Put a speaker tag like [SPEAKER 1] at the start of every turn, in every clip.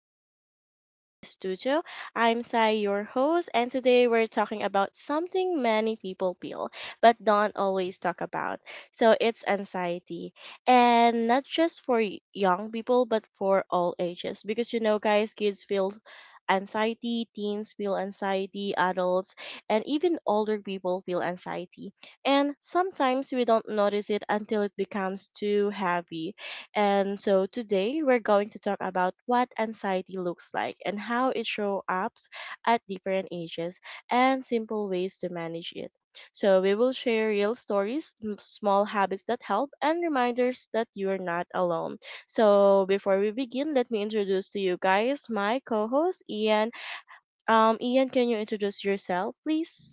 [SPEAKER 1] again in Safe Space Studio. I'm Sai, your host, and today we're talking about something many people feel but don't always talk about. So it's anxiety, and not just for young people but for all ages. Because you know, guys, kids feel anxiety, teens feel anxiety, adults, and even older people feel anxiety. And sometimes we don't notice it until it becomes too heavy, and so today we're going to talk about what anxiety looks like and how it shows up at different ages and simple ways to manage it. So we will share real stories, small habits that help, and reminders that you are not alone. So before we begin, let me introduce to you guys my co-host Ian. Ian, can you introduce yourself, please?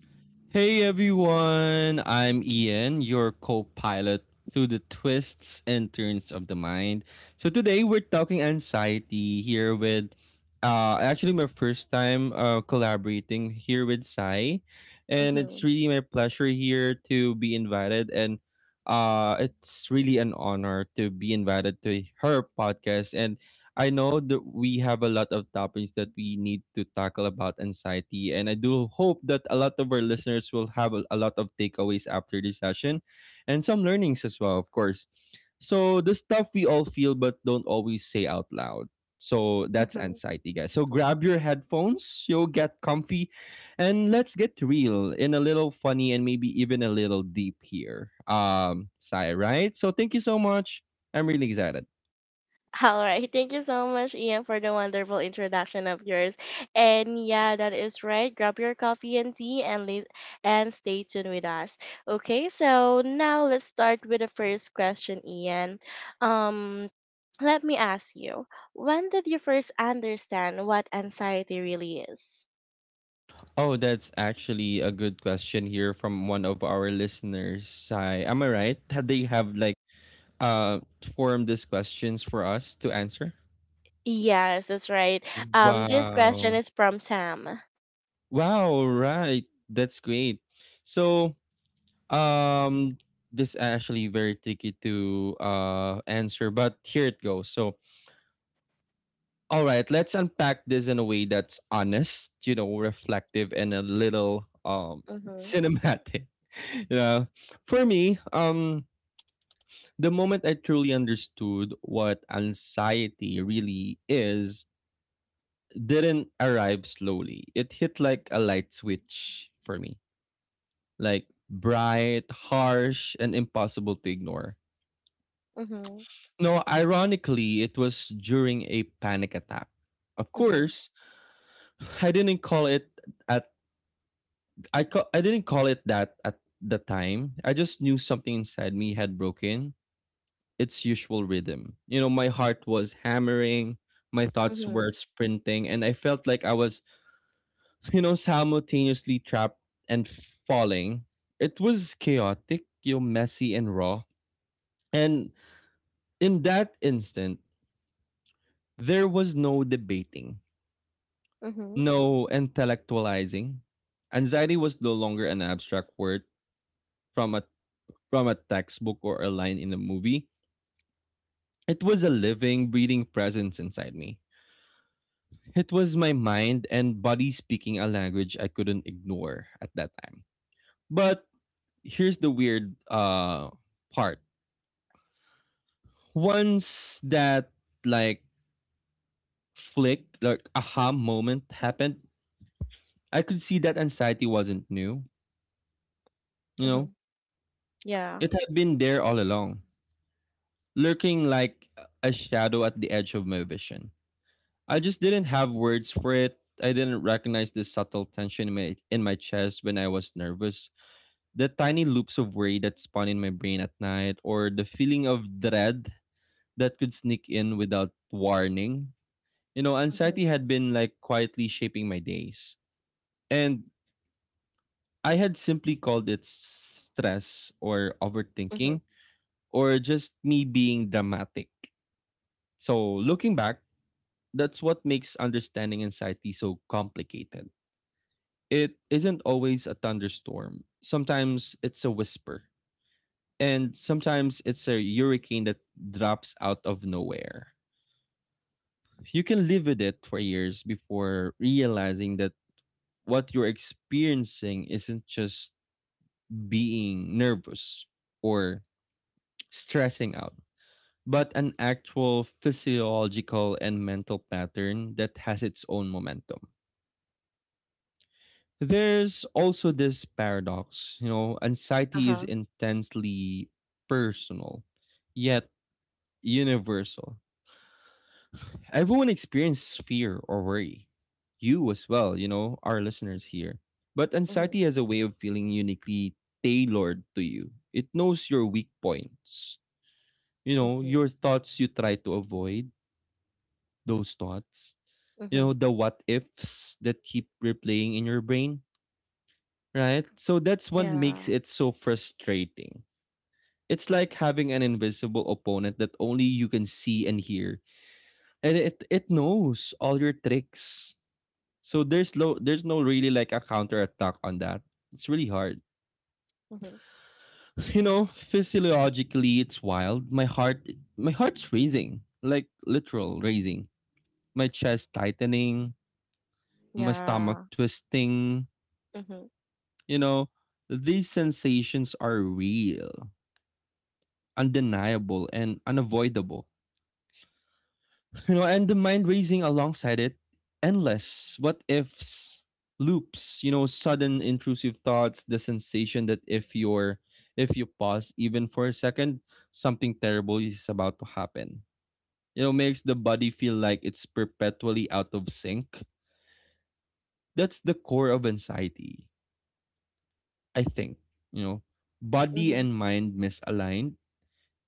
[SPEAKER 2] Hey everyone, I'm Ian, your co pilot through the twists and turns of the mind. So today we're talking anxiety here with actually my first time collaborating here with Sai, and it's
[SPEAKER 1] Mm-hmm.
[SPEAKER 2] really my pleasure here to be invited and it's really an honor to be invited to her podcast. And I know that we have a lot of topics that we need to tackle about anxiety, and I do hope that a lot of our listeners will have a lot of takeaways after this session and some learnings as well, of course. So, the stuff we all feel but don't always say out loud. So, that's
[SPEAKER 1] Mm-hmm.
[SPEAKER 2] anxiety, guys. So, grab your headphones, you'll get comfy, and let's get real and a little funny and maybe even a little deep here. Sai, right? So, thank you so much. I'm really excited.
[SPEAKER 1] All right. Thank you so much, Ian, for the wonderful introduction of yours. And yeah, that is right. Grab your coffee and tea and and stay tuned with us. Okay, so now let's start with the first question, Ian. Um, let me ask you, when did you first understand what anxiety really is?
[SPEAKER 2] Oh, that's actually a good question here from one of our listeners. Hi, am I right? Had they have like uh formed these questions for us to answer?
[SPEAKER 1] Yes, that's right. This question
[SPEAKER 2] Wow.
[SPEAKER 1] is from Sam.
[SPEAKER 2] Wow, right. That's great. So, um this actually very tricky to answer, but here it goes. So, all right, let's unpack this in a way that's honest, you know, reflective and a little
[SPEAKER 1] Mm-hmm.
[SPEAKER 2] cinematic. you know, for me, the moment I truly understood what anxiety really is didn't arrive slowly. It hit like a light switch for me, like bright, harsh, and impossible to ignore.
[SPEAKER 1] Mm-hmm.
[SPEAKER 2] No, ironically, it was during a panic attack. Of
[SPEAKER 1] Mm-hmm.
[SPEAKER 2] course, I didn't call it at I didn't call it that at the time. I just knew something inside me had broken its usual rhythm. You know, my heart was hammering, my thoughts
[SPEAKER 1] Mm-hmm.
[SPEAKER 2] were sprinting, and I felt like I was, you know, simultaneously trapped and falling. It was chaotic, you know, messy and raw. And in that instant, there was no debating,
[SPEAKER 1] Mm-hmm.
[SPEAKER 2] no intellectualizing. Anxiety was no longer an abstract word from a from a textbook or a line in a movie. It was a living, breathing presence inside me. It was my mind and body speaking a language I couldn't ignore at that time. But here's the weird part. Once that, like, flick, like, aha moment happened, I could see that anxiety wasn't new, you know.
[SPEAKER 1] Mm-hmm. Yeah.
[SPEAKER 2] It had been there all along, lurking like a shadow at the edge of my vision. I just didn't have words for it. I didn't recognize the subtle tension in my chest when I was nervous, the tiny loops of worry that spawn in my brain at night, or the feeling of dread that could sneak in without warning. You know,
[SPEAKER 1] Mm-hmm.
[SPEAKER 2] anxiety had been like quietly shaping my days. And I had simply called it stress or
[SPEAKER 1] Mm-hmm.
[SPEAKER 2] overthinking or just me being dramatic. So, looking back, that's what makes understanding anxiety so complicated. It isn't always a thunderstorm, sometimes it's a whisper. And sometimes it's a hurricane that drops out of nowhere. You can live with it for years before realizing that what you're experiencing isn't just being nervous or stressing out, but an actual physiological and mental pattern that has its own momentum. There's also this paradox, you know, anxiety is
[SPEAKER 1] Uh-huh.
[SPEAKER 2] intensely personal, yet universal. Everyone experiences fear or worry. You as well, you know, our listeners here. But
[SPEAKER 1] Mm-hmm.
[SPEAKER 2] anxiety has a way of feeling uniquely tailored to you. It knows your weak points. You know,
[SPEAKER 1] Mhm.
[SPEAKER 2] your thoughts you try to avoid, those thoughts. You
[SPEAKER 1] Mhm.
[SPEAKER 2] know, the what ifs that keep replaying in your brain, right? So that's what makes
[SPEAKER 1] Yeah.
[SPEAKER 2] it so frustrating. It's like having an invisible opponent that only you can see and hear, and it knows all your tricks. So there's no really like a counterattack on that. It's really hard.
[SPEAKER 1] Mhm.
[SPEAKER 2] You know, physiologically it's wild. My heart's raising. Like literal raising. My chest tightening, my stomach
[SPEAKER 1] Yeah.
[SPEAKER 2] twisting,
[SPEAKER 1] Mhm.
[SPEAKER 2] you know, these sensations are real, undeniable and unavoidable. You know, and the mind racing alongside it, endless what ifs, loops, you know, sudden intrusive thoughts, the sensation that if you pause even for a second, something terrible is about to happen. You know, makes the body feel like it's perpetually out of sync. That's the core of anxiety, I think. You know, body
[SPEAKER 1] Mhm.
[SPEAKER 2] and mind misaligned,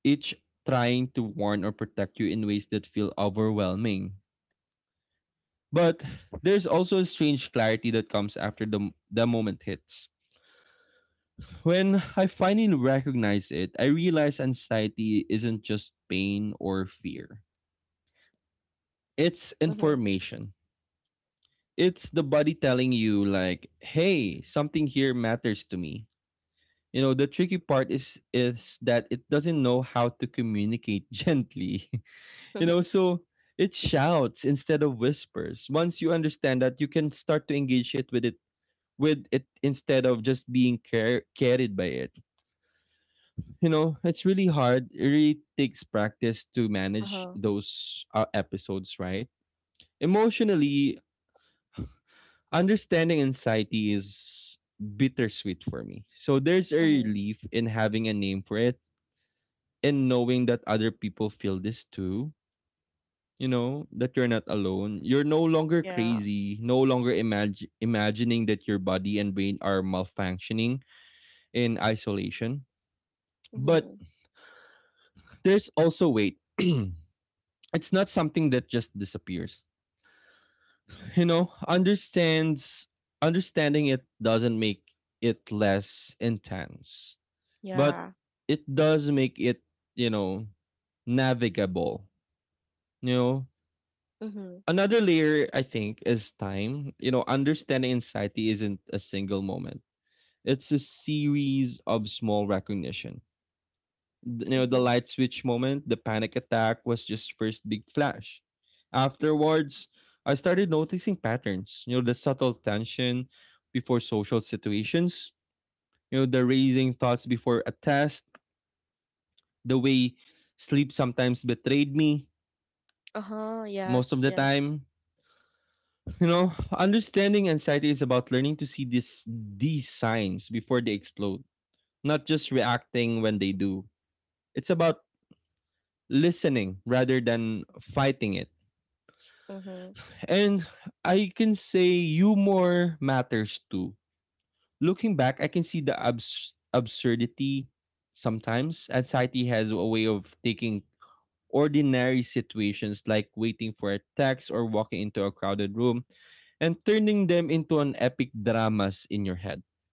[SPEAKER 2] each trying to warn or protect you in ways that feel overwhelming. But there's also a strange clarity that comes after the, the moment hits. When I finally recognize it, I realize anxiety isn't just pain or fear, it's
[SPEAKER 1] Mhm.
[SPEAKER 2] information. It's the body telling you, like, hey, something here matters to me. You know, the tricky part is that it doesn't know how to communicate gently. You know,
[SPEAKER 1] Mhm.
[SPEAKER 2] so it shouts instead of whispers. Once you understand that, you can start to engage it with it with it instead of just being carried by it. You know, it's really hard. It really takes practice to manage
[SPEAKER 1] Uh-huh.
[SPEAKER 2] those episodes, right? Emotionally, understanding anxiety is bittersweet for me. So there's a
[SPEAKER 1] Mhm.
[SPEAKER 2] relief in having a name for it and knowing that other people feel this too. You know, that you're not alone. You're no longer
[SPEAKER 1] Yeah.
[SPEAKER 2] crazy, no longer imagining that your body and brain are malfunctioning in isolation. But
[SPEAKER 1] Mhm.
[SPEAKER 2] there's also weight. It's not something that just disappears. You know, understands understanding it doesn't make it less intense, but
[SPEAKER 1] Yeah.
[SPEAKER 2] it does make it, you know, navigable. You know,
[SPEAKER 1] Mhm.
[SPEAKER 2] another layer I think is time. You know, understanding anxiety isn't a single moment. It's a series of small recognition. You know, the
[SPEAKER 1] Mhm.
[SPEAKER 2] light switch moment, the panic attack was just first big flash. Afterwards I started noticing patterns, you know, the subtle tension before social situations, you know, the raising thoughts before a test, the way sleep sometimes betrayed me
[SPEAKER 1] Uh-huh.
[SPEAKER 2] most of
[SPEAKER 1] Yes.
[SPEAKER 2] the
[SPEAKER 1] Yes.
[SPEAKER 2] time. You know, understanding anxiety is about learning to see this these signs before they explode, not just reacting when they do. It's about listening rather than fighting it.
[SPEAKER 1] Mhm.
[SPEAKER 2] And I can say humor matters too. Looking back, I can see the absurdity sometimes. Anxiety has a way of taking ordinary situations like waiting for a text or walking into a crowded room and turning them into an epic dramas in your head.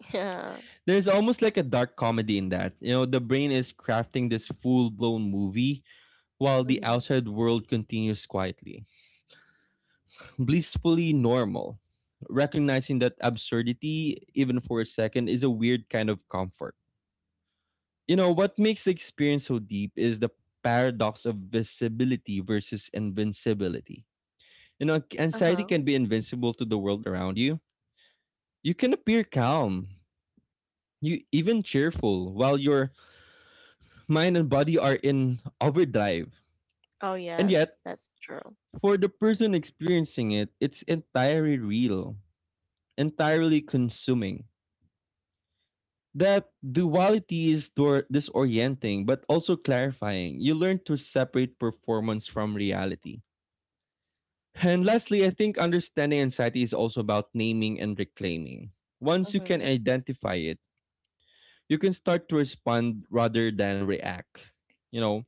[SPEAKER 1] Yeah.
[SPEAKER 2] There's almost like a dark comedy in that. You know, the brain is crafting this full blown movie while the
[SPEAKER 1] Mhm.
[SPEAKER 2] outside world continues quietly, blissfully normal. Recognizing that absurdity, even for a second, is a weird kind of comfort. You know, what makes the experience so deep is the paradox of visibility versus invincibility. You know, anxiety
[SPEAKER 1] Uh-huh.
[SPEAKER 2] can be invincible to the world around you. You can appear calm, you even cheerful, while your mind and body are in overdrive.
[SPEAKER 1] Oh
[SPEAKER 2] And
[SPEAKER 1] yes,
[SPEAKER 2] yet,
[SPEAKER 1] that's true.
[SPEAKER 2] for the person experiencing it, it's entirely real, entirely consuming. That duality is disorienting but also clarifying. You learn to separate performance from reality. And lastly, I think understanding anxiety is also about naming and reclaiming. Once you can
[SPEAKER 1] Mhm.
[SPEAKER 2] identify it, you can start to respond rather than react. You know,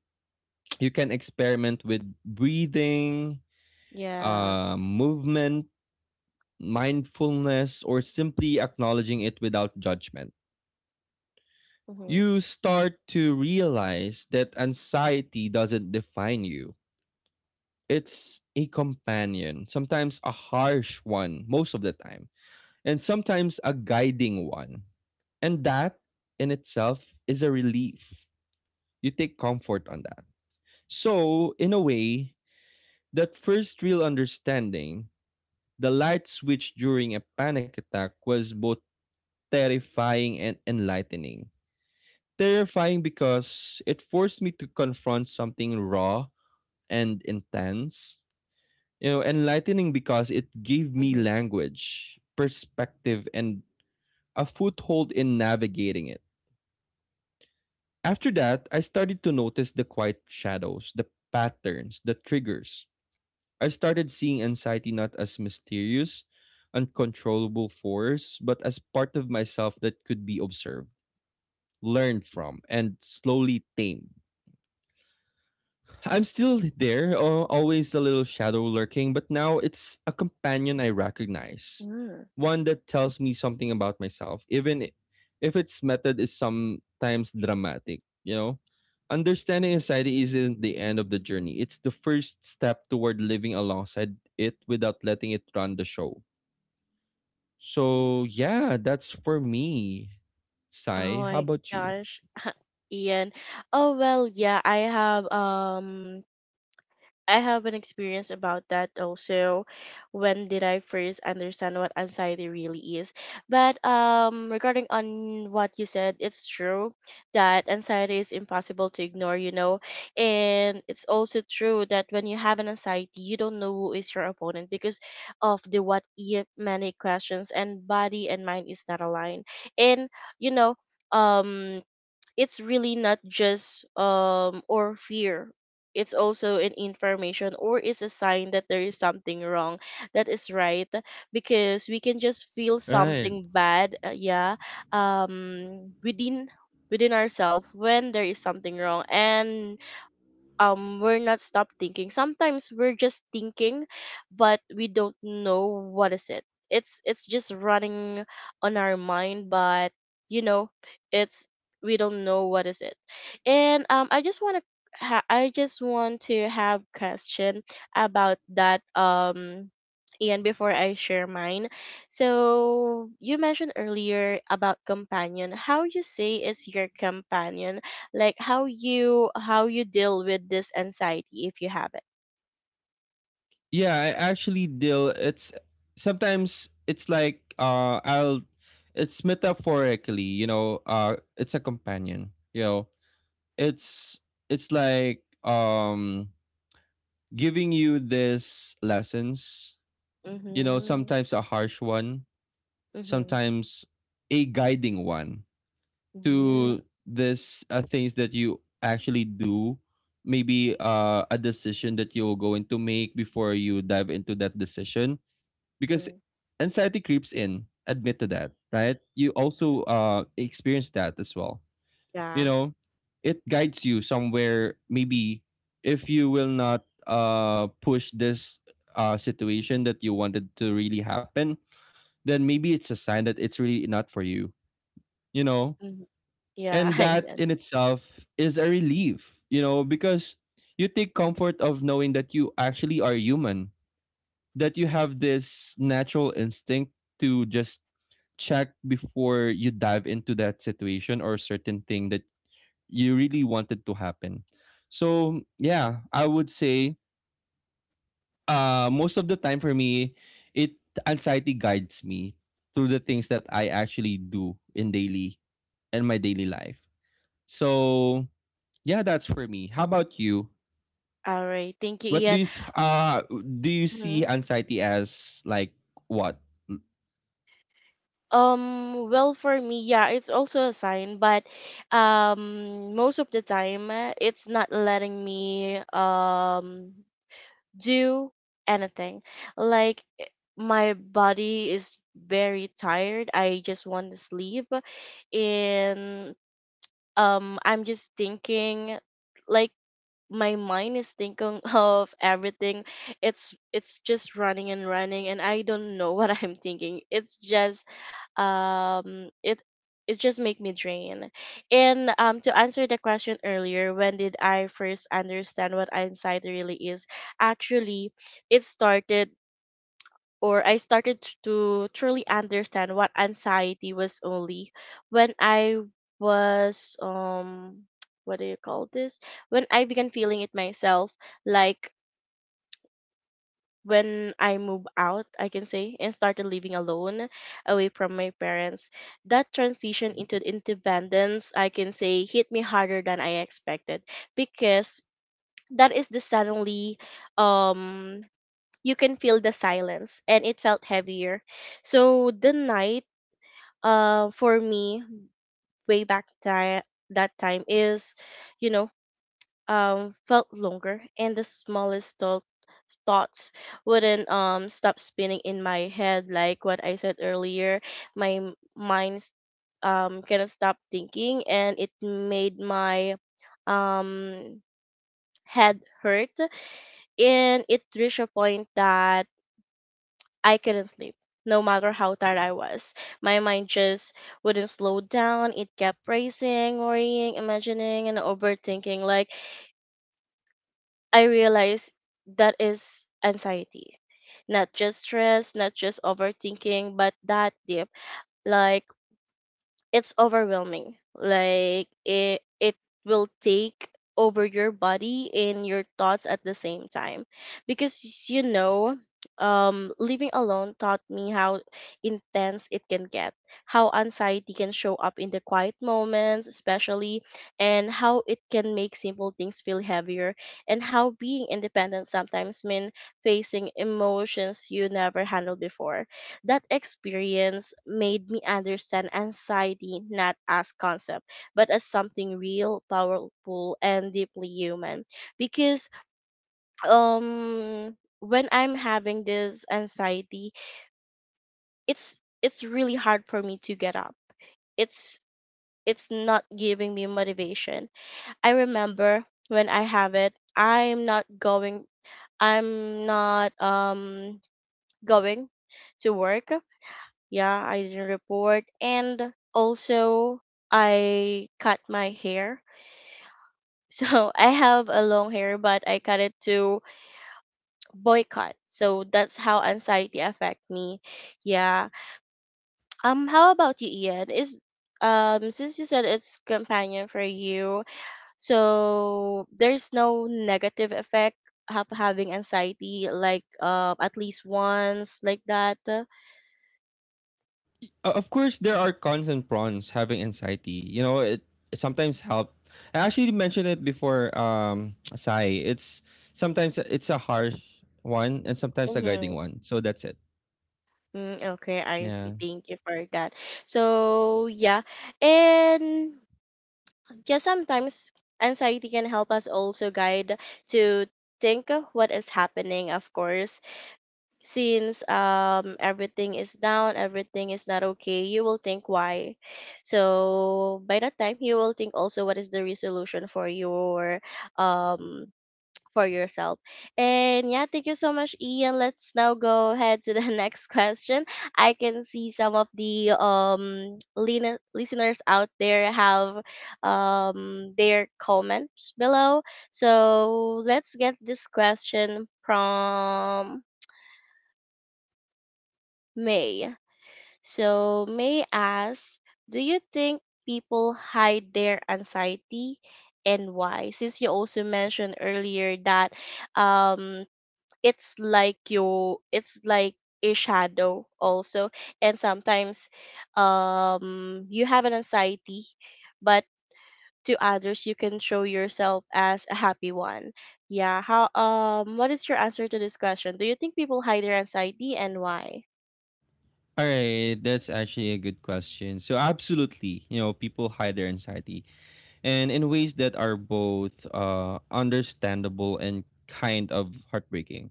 [SPEAKER 2] you can experiment with breathing,
[SPEAKER 1] Yes.
[SPEAKER 2] movement, mindfulness, or simply acknowledging it without judgment.
[SPEAKER 1] Mhm.
[SPEAKER 2] You start to realize that anxiety doesn't define you. It's a companion, sometimes a harsh one, most of the time, and sometimes a guiding one. And that in itself is a relief. You take comfort on that. So, in a way, that first real understanding, the light switch during a panic attack was both terrifying and enlightening. Terrifying because it forced me to confront something raw and intense. You know, enlightening because it gave me
[SPEAKER 1] Mhm.
[SPEAKER 2] language, perspective, and a foothold in navigating it. After that, I started to notice the quiet shadows, the patterns, the triggers. I started seeing anxiety not as mysterious, uncontrollable force, but as part of myself that could be observed, learned from, and slowly tamed. I'm still there, always a little shadow lurking, but now it's a companion I recognize.
[SPEAKER 1] Mm.
[SPEAKER 2] One that tells me something about myself, even if its method is sometimes dramatic, you know? Understanding anxiety isn't the end of the journey, it's the first step toward living alongside it without letting it run the show. So, yeah, that's for me,
[SPEAKER 1] Oh
[SPEAKER 2] Sai. How
[SPEAKER 1] my
[SPEAKER 2] about you?
[SPEAKER 1] gosh. Ian. Oh well, yeah, I have an experience about that also. When did I first understand what anxiety really is? But regarding on what you said, it's true that anxiety is impossible to ignore, you know, and it's also true that when you have an anxiety, you don't know who is your opponent because of the what if many questions, and body and mind is not aligned, and you know, um it's really not just or fear, it's also an information, or it's a sign that there is something wrong. That is right, because we can just feel
[SPEAKER 2] Right.
[SPEAKER 1] something bad, yeah, within within ourselves when there is something wrong, and we're not stop thinking. Sometimes we're just thinking, but we don't know what is it. It's just running on our mind, but you know, it's, we don't know what is it. And I just want to have question about that, Ian, before I share mine, so you mentioned earlier about companion. How you say is your companion? Like how you deal with this anxiety if you have it.
[SPEAKER 2] Yeah, I actually deal, it's sometimes it's like I'll it's metaphorically, you know, it's a companion, you know. It's it's like giving you this lessons, you know,
[SPEAKER 1] Mhm.
[SPEAKER 2] sometimes a harsh one,
[SPEAKER 1] Mhm.
[SPEAKER 2] sometimes a guiding one
[SPEAKER 1] Mhm.
[SPEAKER 2] to this things that you actually do, maybe a decision that you will going to make before you dive into that decision, because
[SPEAKER 1] Mhm.
[SPEAKER 2] anxiety creeps in. Admit to that, right? You also experience that as well, you
[SPEAKER 1] Yeah.
[SPEAKER 2] know. It guides you somewhere. Maybe if you will not push this situation that you wanted to really happen, then maybe it's a sign that it's really not for you, you know.
[SPEAKER 1] Mhm.
[SPEAKER 2] And
[SPEAKER 1] Yeah.
[SPEAKER 2] that
[SPEAKER 1] Yeah.
[SPEAKER 2] in itself is a relief, you know, because you take comfort of knowing that you actually are human, that you have this natural instinct to just check before you dive into that situation or certain thing that you really wanted to happen. So yeah, I would say most of the time for me, it anxiety guides me through the things that I actually do in daily, in my daily life. So yeah, that's for me. How about you?
[SPEAKER 1] All right, thank you,
[SPEAKER 2] What do
[SPEAKER 1] Ian.
[SPEAKER 2] you do you see
[SPEAKER 1] Mhm.
[SPEAKER 2] anxiety as like what?
[SPEAKER 1] Well, for me, yeah, it's also a sign, but most of the time, it's not letting me do anything. Like eh, my body is very tired. I just want to sleep, and I'm just thinking, like my mind is thinking of everything. It's just running and running, and I don't know what I'm thinking. It's just it it just make me drain. And to answer the question earlier, when did I first understand what anxiety really is, actually it started, or I started to truly understand what anxiety was only when I was what do you call this? When I began feeling it myself, like when I moved out, I can say, and started living alone away from my parents. That transition into independence, I can say, hit me harder than I expected, because that is the suddenly, um you can feel the silence and it felt heavier. So the night, uh, for me, way back ti that time is, you know, felt longer, and the smallest thought thoughts wouldn't stop spinning in my head. Like what I said earlier, my mind cannot stop thinking, and it made my um head hurt. And it reached a point that I couldn't sleep, no matter how tired I was. My mind just wouldn't slow down. It kept racing, worrying, imagining, and overthinking. Like, I realized that is anxiety. Not just stress, not just overthinking, but that deep. Like, it's overwhelming. Like it will take over your body and your thoughts at the same time. Because you know, living alone taught me how intense it can get, how anxiety can show up in the quiet moments especially, and how it can make simple things feel heavier, and how being independent sometimes mean facing emotions you never handled before. That experience made me understand anxiety not as concept, but as something real, powerful, and deeply human. Because when I'm having this anxiety, it's really hard for me to get up. It's it's not giving me motivation. I remember when I have it, I'm not going. I'm not going to work. Yeah, I didn't report. And also, I cut my hair. So I have a long hair, but I cut it to boycott. So that's how anxiety affect me. Yeah. How about you, Ian? Is since you said it's companion for you, so there's no negative effect of having anxiety, like at least once like that.
[SPEAKER 2] Of course, there are cons and pros having anxiety. You know, it sometimes help. I actually mentioned it before, Sai. It's sometimes it's a harsh one and sometimes a guiding
[SPEAKER 1] Mm-hmm.
[SPEAKER 2] one. So that's it.
[SPEAKER 1] Mm, okay, I see.
[SPEAKER 2] Yeah.
[SPEAKER 1] Thank you for that. So, yeah. And yeah, sometimes anxiety can help us also guide to think of what is happening, of course. Since everything is down, everything is not okay, you will think why. So, by that time, you will think also what is the resolution for your um for yourself. And yeah, thank you so much, Ian. Let's now go ahead to the next question. I can see some of the listeners out there have their comments below. So let's get this question from May. So May asks, do you think people hide their anxiety and why? Since you also mentioned earlier that um it's like you it's like a shadow also, and sometimes you have an anxiety, but to others you can show yourself as a happy one. Yeah, how, what is your answer to this question? Do you think people hide their anxiety and why?
[SPEAKER 2] All right. That's actually a good question. So absolutely, you know, people hide their anxiety and in ways that are both understandable and kind of heartbreaking.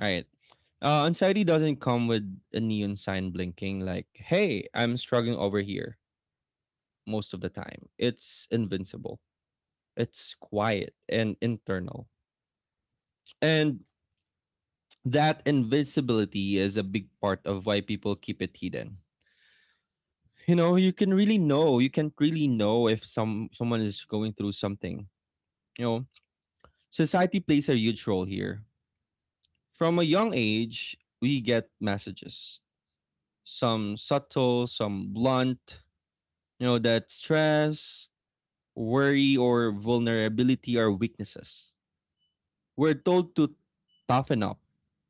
[SPEAKER 2] Right. Anxiety doesn't come with a neon sign blinking like, hey, I'm struggling over here most of the time. It's invincible, it's quiet and internal. And that invisibility is a big part of why people keep it hidden. You know, you can really know, you can't really know if someone is going through something. You know, society plays a huge role here. From a young age, we get messages, some subtle, some blunt, you know, that stress, worry, or vulnerability are weaknesses. We're told to toughen up,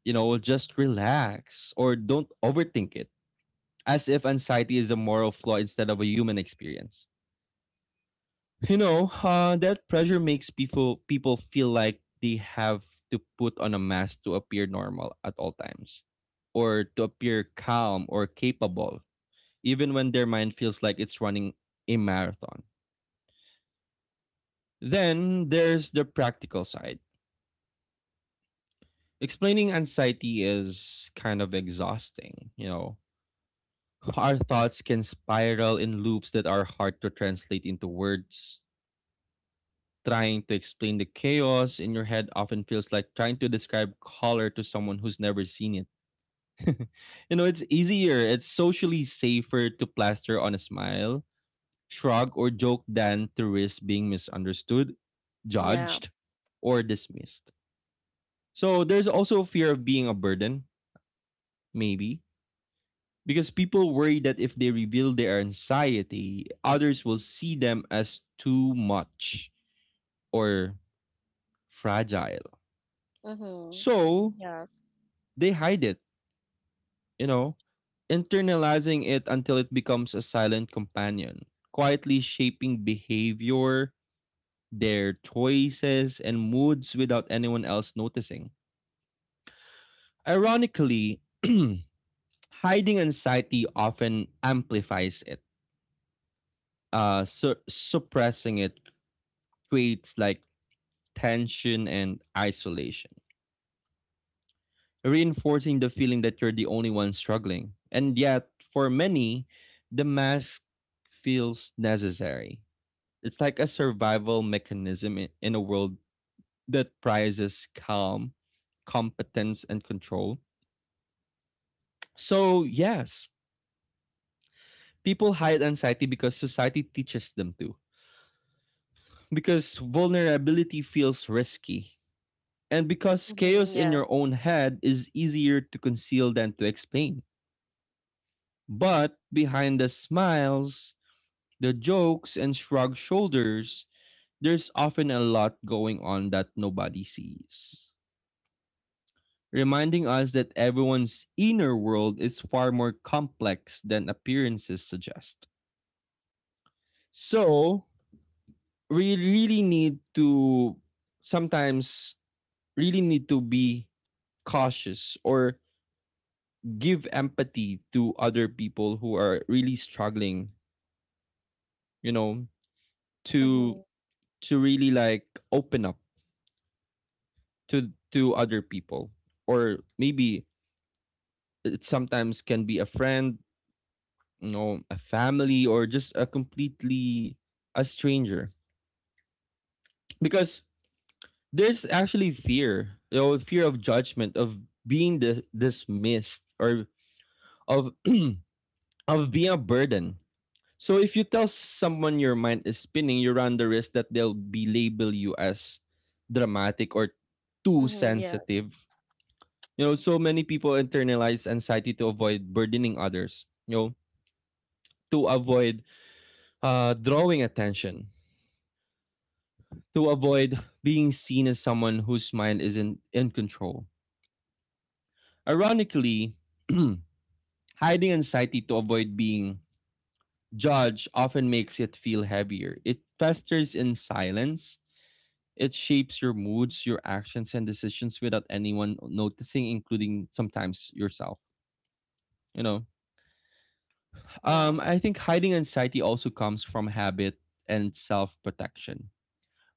[SPEAKER 2] you know, just relax or don't overthink it, as if anxiety is a moral flaw instead of a human experience. You know, that pressure makes people feel like they have to put on a mask to appear normal at all times, or to appear calm or capable, even when their mind feels like it's running a marathon. Then there's the practical side. Explaining anxiety is kind of exhausting. Our thoughts can spiral in loops that are hard to translate into words. Trying to explain the chaos in your head often feels like trying to describe color to someone who's never seen it. You know, it's easier, it's socially safer to plaster on a smile, shrug, or joke than to risk being misunderstood,
[SPEAKER 1] Yeah.
[SPEAKER 2] judged, or dismissed. So there's also fear of being a burden, maybe, because people worry that if they reveal their anxiety, others will see them as too much or fragile.
[SPEAKER 1] Mhm.
[SPEAKER 2] So
[SPEAKER 1] Yes.
[SPEAKER 2] they hide it, you know, internalizing it until it becomes a silent companion, quietly shaping behavior, their choices, and moods without anyone else noticing. Ironically, hiding anxiety often amplifies it. Uh, suppressing it creates like tension and isolation, reinforcing the feeling that you're the only one struggling. And yet, for many, the mask feels necessary. It's like a survival mechanism in a world that prizes calm, competence, and control. So, yes, people hide anxiety because society teaches them to. Because vulnerability feels risky. And because
[SPEAKER 1] Mhm.
[SPEAKER 2] chaos in
[SPEAKER 1] Yes.
[SPEAKER 2] your own head is easier to conceal than to explain. But behind the smiles, the jokes, and shrugged shoulders, there's often a lot going on that nobody sees, reminding us that everyone's inner world is far more complex than appearances suggest. So, we really need to sometimes really need to be cautious or give empathy to other people who are really struggling, you know, to
[SPEAKER 1] Mhm.
[SPEAKER 2] to really like open up to other people, or maybe it sometimes can be a friend, you know, a family, or just a completely a stranger. Because there's actually fear, you know, fear of judgment, of being dismissed, or of of being a burden. So if you tell someone your mind is spinning, you run the risk that they'll be label you as dramatic or too
[SPEAKER 1] Mhm. Yes.
[SPEAKER 2] sensitive. You know, so many people internalize anxiety to avoid burdening others, you know, to avoid drawing attention, to avoid being seen as someone whose mind isn't in control. Ironically, hiding anxiety to avoid being judged often makes it feel heavier. It festers in silence. It shapes your moods, your actions, and decisions without anyone noticing, including sometimes yourself. You know,
[SPEAKER 1] Yeah.
[SPEAKER 2] I think hiding anxiety also comes from habit and self protection.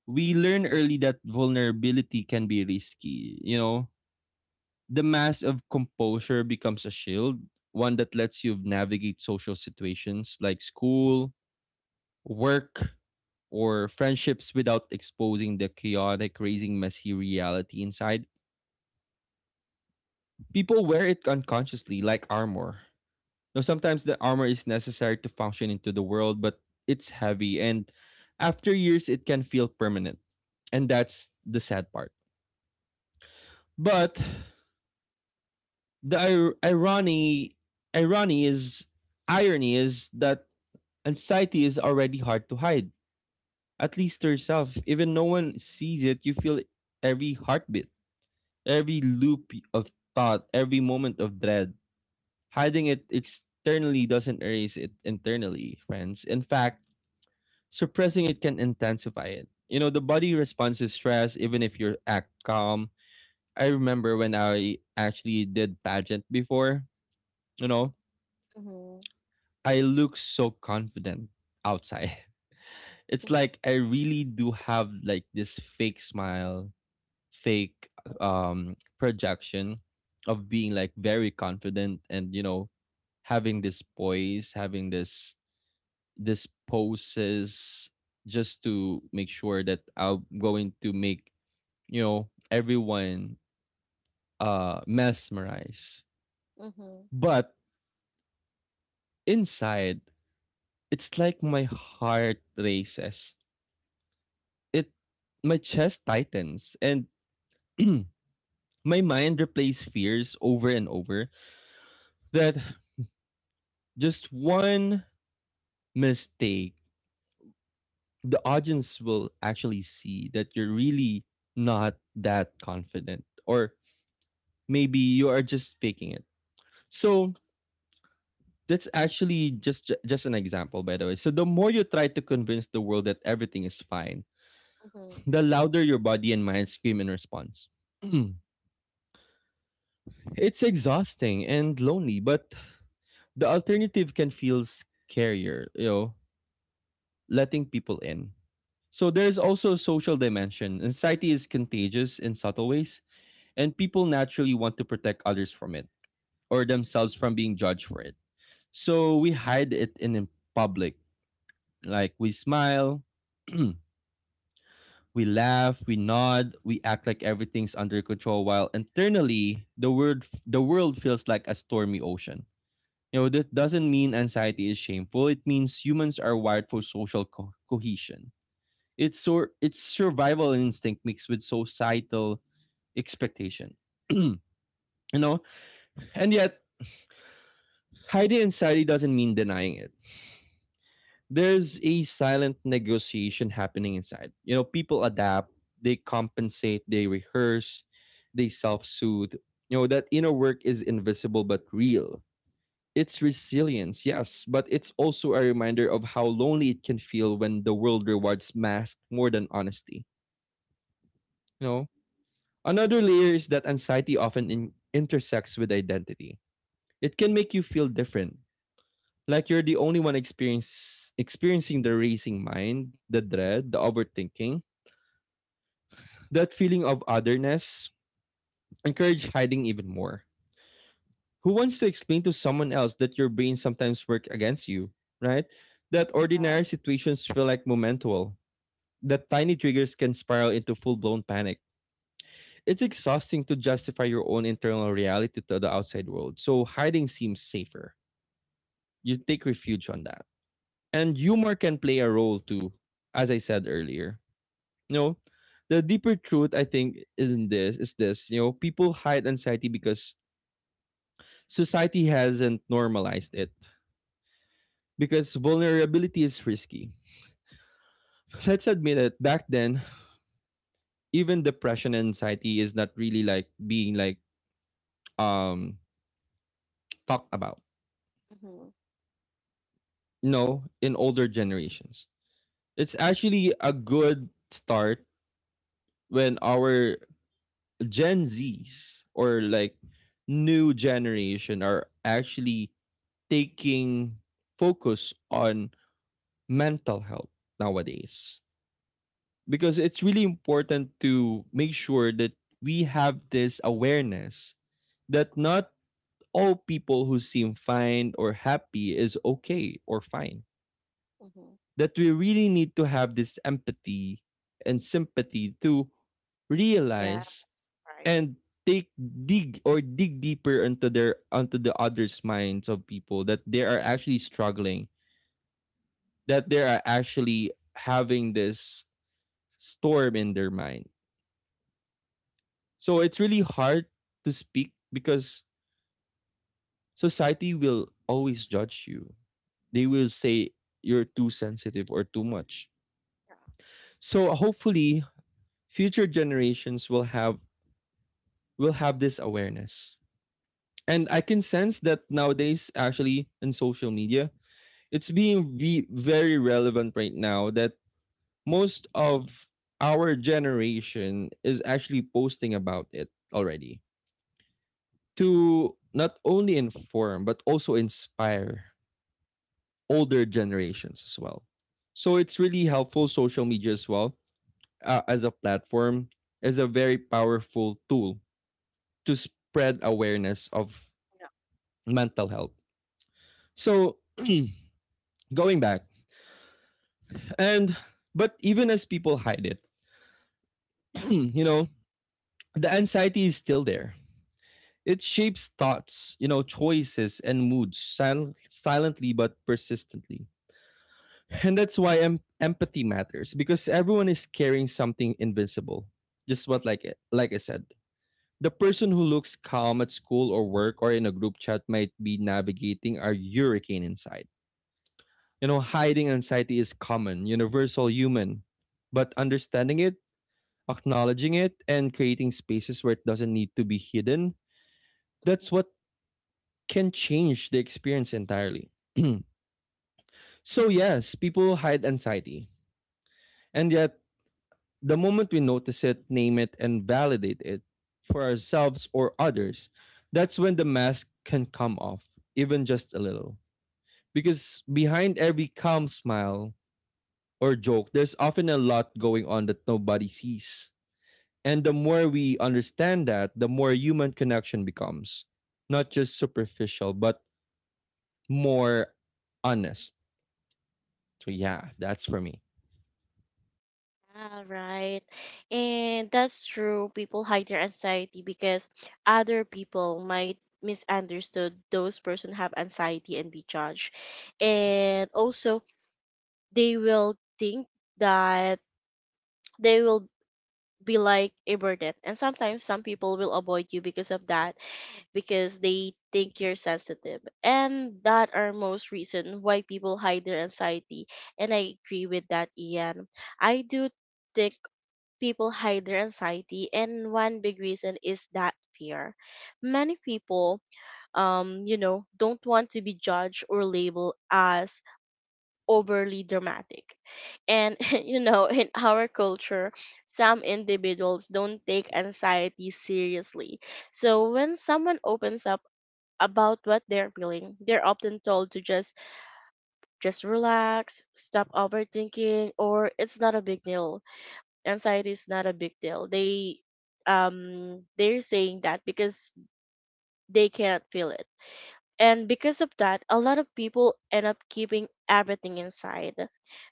[SPEAKER 2] We learn early that vulnerability can be risky. You know, the mask of composure becomes a shield, one that lets you navigate social situations like school, work, or friendships without exposing the chaotic, raising messy reality inside. People wear it unconsciously, like armor. Now, sometimes the armor is necessary to function into the world, but it's heavy, and after years, it can feel permanent. And that's the sad part. But the irony is, irony is that anxiety is already hard to hide, at least to yourself. Even no one sees it, you feel every heartbeat, every loop of thought, every moment of dread. Hiding it externally doesn't erase it internally, friends. In fact, suppressing it can intensify it. You know, the body responds to stress even if you act calm. I remember when I actually did pageant before, you know,
[SPEAKER 1] Mhm.
[SPEAKER 2] I look so confident outside. It's like I really do have like this fake smile, fake projection of being like very confident, and you know, having this poise, having this this poses just to make sure that I'm going to make, you know, everyone mesmerized.
[SPEAKER 1] Mhm,
[SPEAKER 2] But inside, it's like my heart races. It My chest tightens and my mind replays fears over and over that just one mistake the audience will actually see that you're really not that confident, or maybe you are just faking it. So that's actually just an example, by the way. So the more you try to convince the world that everything is fine,
[SPEAKER 1] mhm,
[SPEAKER 2] the louder your body and mind scream in response. It's exhausting and lonely, but the alternative can feel scarier, you know, letting people in. So there's also a social dimension. Anxiety is contagious in subtle ways, and people naturally want to protect others from it or themselves from being judged for it. So we hide it in public. Like we smile, we laugh, we nod, we act like everything's under control while internally the world feels like a stormy ocean. You know, this doesn't mean anxiety is shameful. It means humans are wired for social cohesion. It's it's survival instinct mixed with societal expectation. You know, and yet hiding anxiety doesn't mean denying it. There's a silent negotiation happening inside. You know, people adapt, they compensate, they rehearse, they self soothe. You know, that inner work is invisible but real. It's resilience, yes, but it's also a reminder of how lonely it can feel when the world rewards masks more than honesty. You know, another
[SPEAKER 1] mhm,
[SPEAKER 2] layer is that anxiety often intersects with identity. It can make you feel different, like you're the only one experience experiencing the racing mind, the dread, the overthinking, that feeling of otherness, encourage hiding even more. Who wants to explain to someone else that your brain sometimes work against you, right? That
[SPEAKER 1] yeah,
[SPEAKER 2] ordinary situations feel like momental. That tiny triggers can spiral into full-blown panic. It's exhausting to justify your own internal reality to the outside world. So hiding seems safer. You take refuge on that. And humor can play a role too, as I said earlier. You know, the deeper truth I think in this is this, you know, people hide anxiety because society hasn't normalized it. Because vulnerability is risky. Let's admit it, back then, even depression and anxiety is not really like being like um talked about.
[SPEAKER 1] mhm,
[SPEAKER 2] No, in older generations. It's actually a good start when our Gen Zs or like new generation are actually taking focus on mental health nowadays, because it's really important to make sure that we have this awareness that not all people who seem fine or happy is okay or fine,
[SPEAKER 1] mhm.
[SPEAKER 2] that we really need to have this empathy and sympathy to
[SPEAKER 1] Yes,
[SPEAKER 2] realize
[SPEAKER 1] right.
[SPEAKER 2] and take dig deeper into their onto the others minds of people, that they are actually struggling, that they are actually having this storm in their mind. So it's really hard to speak because society will always judge you. They will say you're too sensitive or too much.
[SPEAKER 1] Yeah.
[SPEAKER 2] So hopefully future generations will have this awareness. And I can sense that nowadays actually in social media it's being very relevant right now, that most of our generation is actually posting about it already to not only inform but also inspire older generations as well. So it's really helpful social media as well, as a platform, as a very powerful tool to spread awareness of
[SPEAKER 1] Yeah.
[SPEAKER 2] mental health. So going back and but even as people hide it, you know, the anxiety is still there. It shapes thoughts, you know, choices and moods silently but persistently. And that's why empathy matters because everyone is carrying something invisible. Just what like like I said, the person who looks calm at school or work or in a group chat might be navigating a hurricane inside. You know, hiding anxiety is common, universal human, but understanding it, acknowledging it, and creating spaces where it doesn't need to be hidden, that's what can change the experience entirely. So, yes, people hide anxiety. And yet, the moment we notice it, name it, and validate it for ourselves or others, that's when the mask can come off, even just a little. Because behind every calm smile or joke, there's often a lot going on that nobody sees. And the more we understand that, the more human connection becomes. Not just superficial, but more honest. So yeah, that's for me.
[SPEAKER 1] All right. And that's true. People hide their anxiety because other people might misunderstood those person have anxiety and be judged. And also they will think that they will be like a burden. And sometimes some people will avoid you because of that because they think you're sensitive. And that are most reason why people hide their anxiety. And I agree with that, Ian. I do think people hide their anxiety, and one big reason is that fear. Many people, you know, don't want to be judged or labeled as overly dramatic. And you know, in our culture, some individuals don't take anxiety seriously. So when someone opens up about what they're feeling, they're often told to just relax, stop overthinking, or it's not a big deal. Anxiety is not a big deal. They, they're saying that because they can't feel it. And because of that, a lot of people end up keeping everything inside.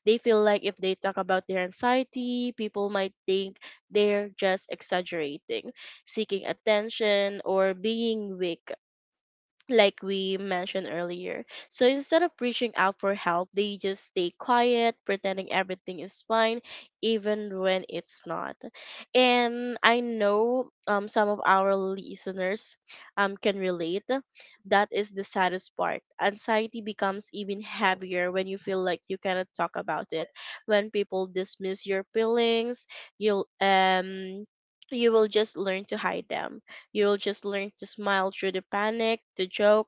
[SPEAKER 1] They feel like if they talk about their anxiety, people might think they're just exaggerating, seeking attention, or being weak, like we mentioned earlier. So instead of reaching out for help, they just stay quiet, pretending everything is fine, even when it's not. And I know, some of our listeners, can relate. That is the saddest part. Anxiety becomes even heavier when you feel like you cannot talk about it. When people dismiss your feelings, you'll um you will just learn to hide them. You'll just learn to smile through the panic, to joke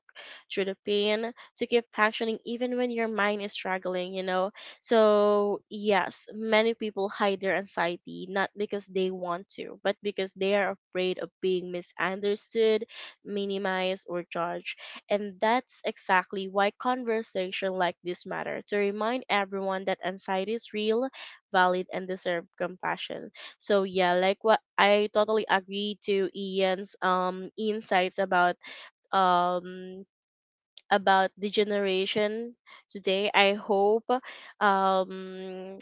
[SPEAKER 1] through the pain, to keep functioning even when your mind is struggling, you know? So, yes, many people hide their anxiety not because they want to, but because they are afraid of being misunderstood, minimized, or judged. And that's exactly why conversation like this matter, to remind everyone that anxiety is real, valid, and deserve compassion. So yeah, like what, I totally agree to Ian's insights um about the generation today. I hope um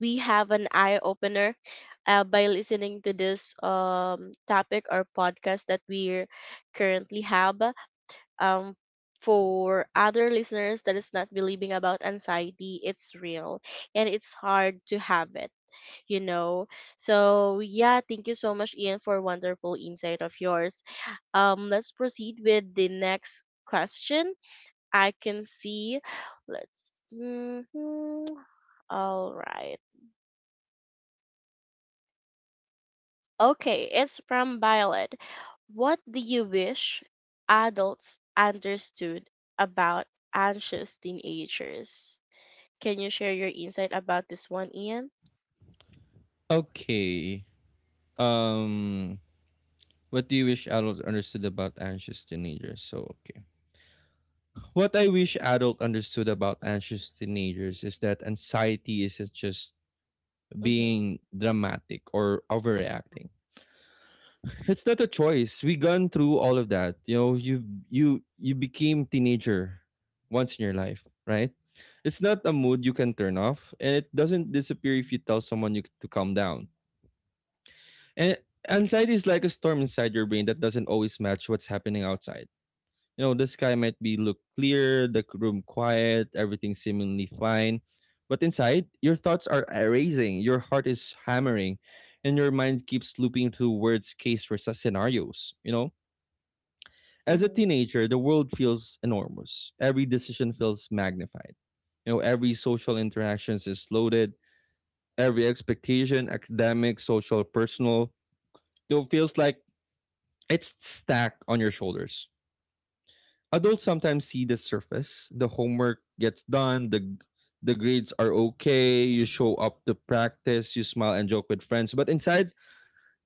[SPEAKER 1] we have an eye opener, by listening to this topic or podcast that we currently have, um for other listeners that is not believing about anxiety it's real and it's hard to have it, you know. So yeah, thank you so much, Ian, for wonderful insight of yours. Let's proceed with the next question. I can see. Let's. Mhm. All right. Okay, it's from Violet. What do you wish adults understood about anxious teenagers? Can you share your insight about this one, Ian?
[SPEAKER 2] Okay. Um, what do you wish adults understood about anxious teenagers? So okay. What I wish adults understood about anxious teenagers is that anxiety isn't just
[SPEAKER 1] Mm-hmm.
[SPEAKER 2] being dramatic or overreacting. It's not a choice. We gone through all of that. You know, you became teenager once in your life, right? It's not a mood you can turn off, and it doesn't disappear if you tell someone you to calm down. And anxiety is like a storm inside your brain that doesn't always match what's happening outside. You know, the sky might be look clear, the room quiet, everything seemingly fine, but inside, your thoughts are racing, your heart is hammering, and your mind keeps looping through words, case versus scenarios. You know, as a
[SPEAKER 1] Mm-hmm.
[SPEAKER 2] teenager, the world feels enormous. Every decision feels magnified. You know, every social interactions is loaded. Every expectation, academic, social, personal, you know, feels like it's stacked on your shoulders. Adults sometimes see the surface. The homework gets done. The grades are okay. You show up to practice. You smile and joke with friends. But inside,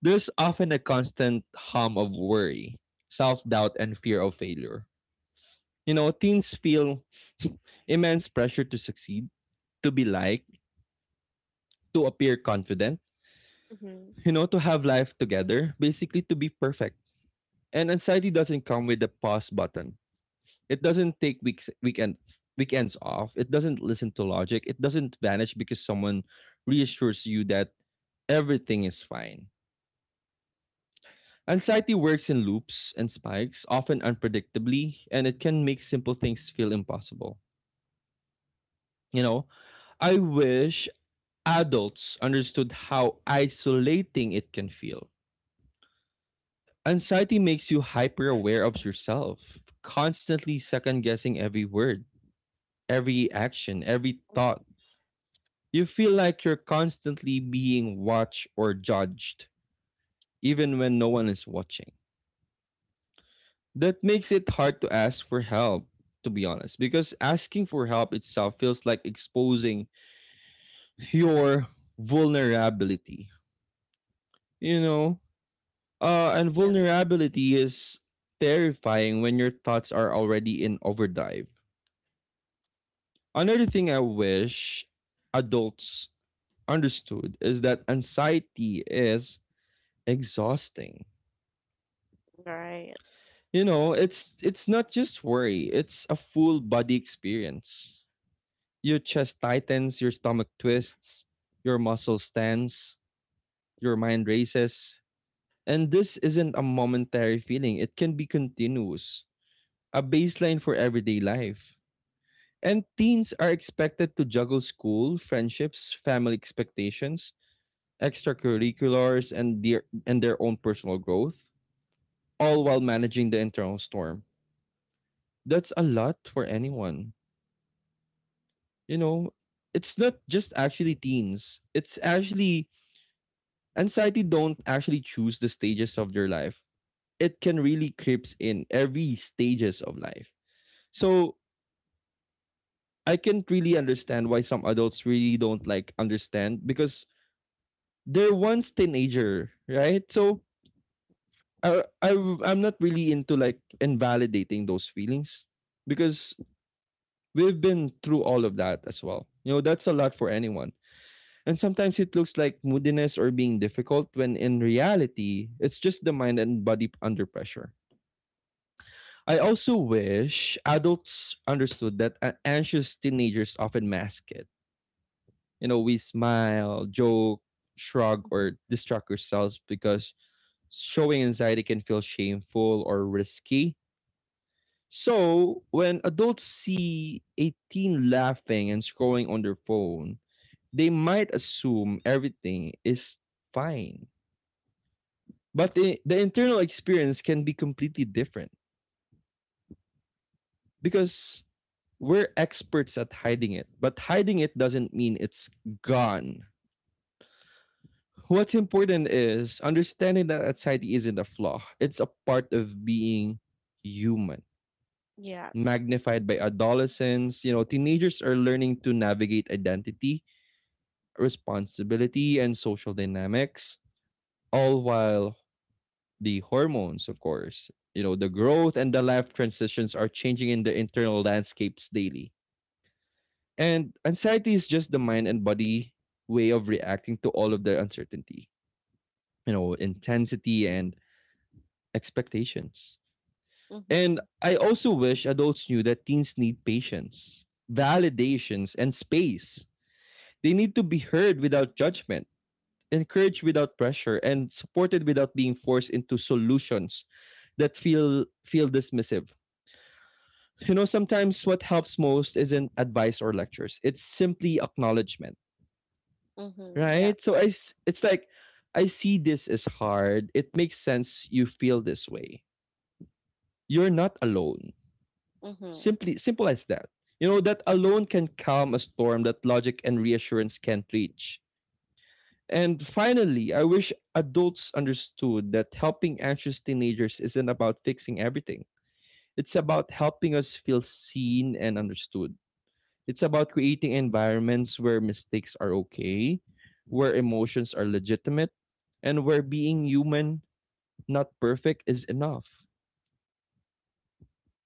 [SPEAKER 2] there's often a constant hum of worry, self doubt, and fear of failure. You know, teens feel immense pressure to succeed, to be liked, to appear confident,
[SPEAKER 1] Mm-hmm.
[SPEAKER 2] you know, to have life together, basically to be perfect. And anxiety doesn't come with the pause button. It doesn't take weeks weekends weekends off. It doesn't listen to logic. It doesn't vanish because someone reassures you that everything is fine. Anxiety works in loops and spikes, often unpredictably, and it can make simple things feel impossible. You know, I wish adults understood how isolating it can feel. Anxiety makes you hyper aware of yourself, constantly second guessing every word, every action, every thought. You feel like you're constantly being watched or judged, even when no one is watching. That makes it hard to ask for help, to be honest, because asking for help itself feels like exposing your vulnerability. You know, And
[SPEAKER 1] Yeah.
[SPEAKER 2] vulnerability is terrifying when your thoughts are already in overdrive. Another thing I wish adults understood is that anxiety is exhausting.
[SPEAKER 1] Right.
[SPEAKER 2] You know, it's not just worry, it's a full body experience. Your chest tightens, your stomach twists, your muscles tense, your mind races. And this isn't a momentary feeling, it can be continuous, a baseline for everyday life. And teens are expected to juggle school, friendships, family expectations, extracurriculars, and their own personal growth, all while managing the internal storm. That's a lot for anyone. You know, it's not just actually teens. It's actually anxiety don't actually choose the stages of your life. It can really creeps in every stages of life. So I can't really understand why some adults really don't like understand because they're once teenager, right? So I I I'm not really into like invalidating those feelings because we've been through all of that as well. You know, that's a lot for anyone. And sometimes it looks like moodiness or being difficult when in reality, it's just the mind and body under pressure. I also wish adults understood that anxious teenagers often mask it. You know, we smile, joke, shrug,
[SPEAKER 1] Mm-hmm.
[SPEAKER 2] or distract ourselves because showing anxiety can feel shameful or risky. So, when adults see a teen laughing and scrolling on their phone, they might assume everything is fine. But the internal experience can be completely different because we're experts at hiding it, but hiding it doesn't mean it's gone. What's important is understanding that anxiety isn't a flaw, it's a part of being human
[SPEAKER 1] Yes.
[SPEAKER 2] magnified by adolescents. You know, teenagers are learning to navigate identity, responsibility, and social dynamics, all while the hormones, of course, you know, the growth and the life transitions are changing in the internal landscapes daily. And anxiety is just the mind and body way of reacting to all of the uncertainty, you know, intensity, and expectations. And
[SPEAKER 1] Mm-hmm.
[SPEAKER 2] I also wish adults knew that teens need patience, validations, and space. They need to be heard without judgment, encouraged without pressure, and supported without being forced into solutions that feel dismissive. You know, sometimes what helps most isn't advice or lectures. It's simply acknowledgement,
[SPEAKER 1] Mm-hmm.
[SPEAKER 2] right? So
[SPEAKER 1] Yes.
[SPEAKER 2] I it's like I see this is hard. It makes sense you feel this way. You're not alone.
[SPEAKER 1] Mm-hmm.
[SPEAKER 2] Simply Simple as that. You know that alone can calm a storm that logic and reassurance can't reach. And finally, I wish adults understood that helping anxious teenagers isn't about fixing everything. It's about helping us feel seen and understood. It's about creating environments where mistakes are okay, where emotions are legitimate, and where being human, not perfect, is enough.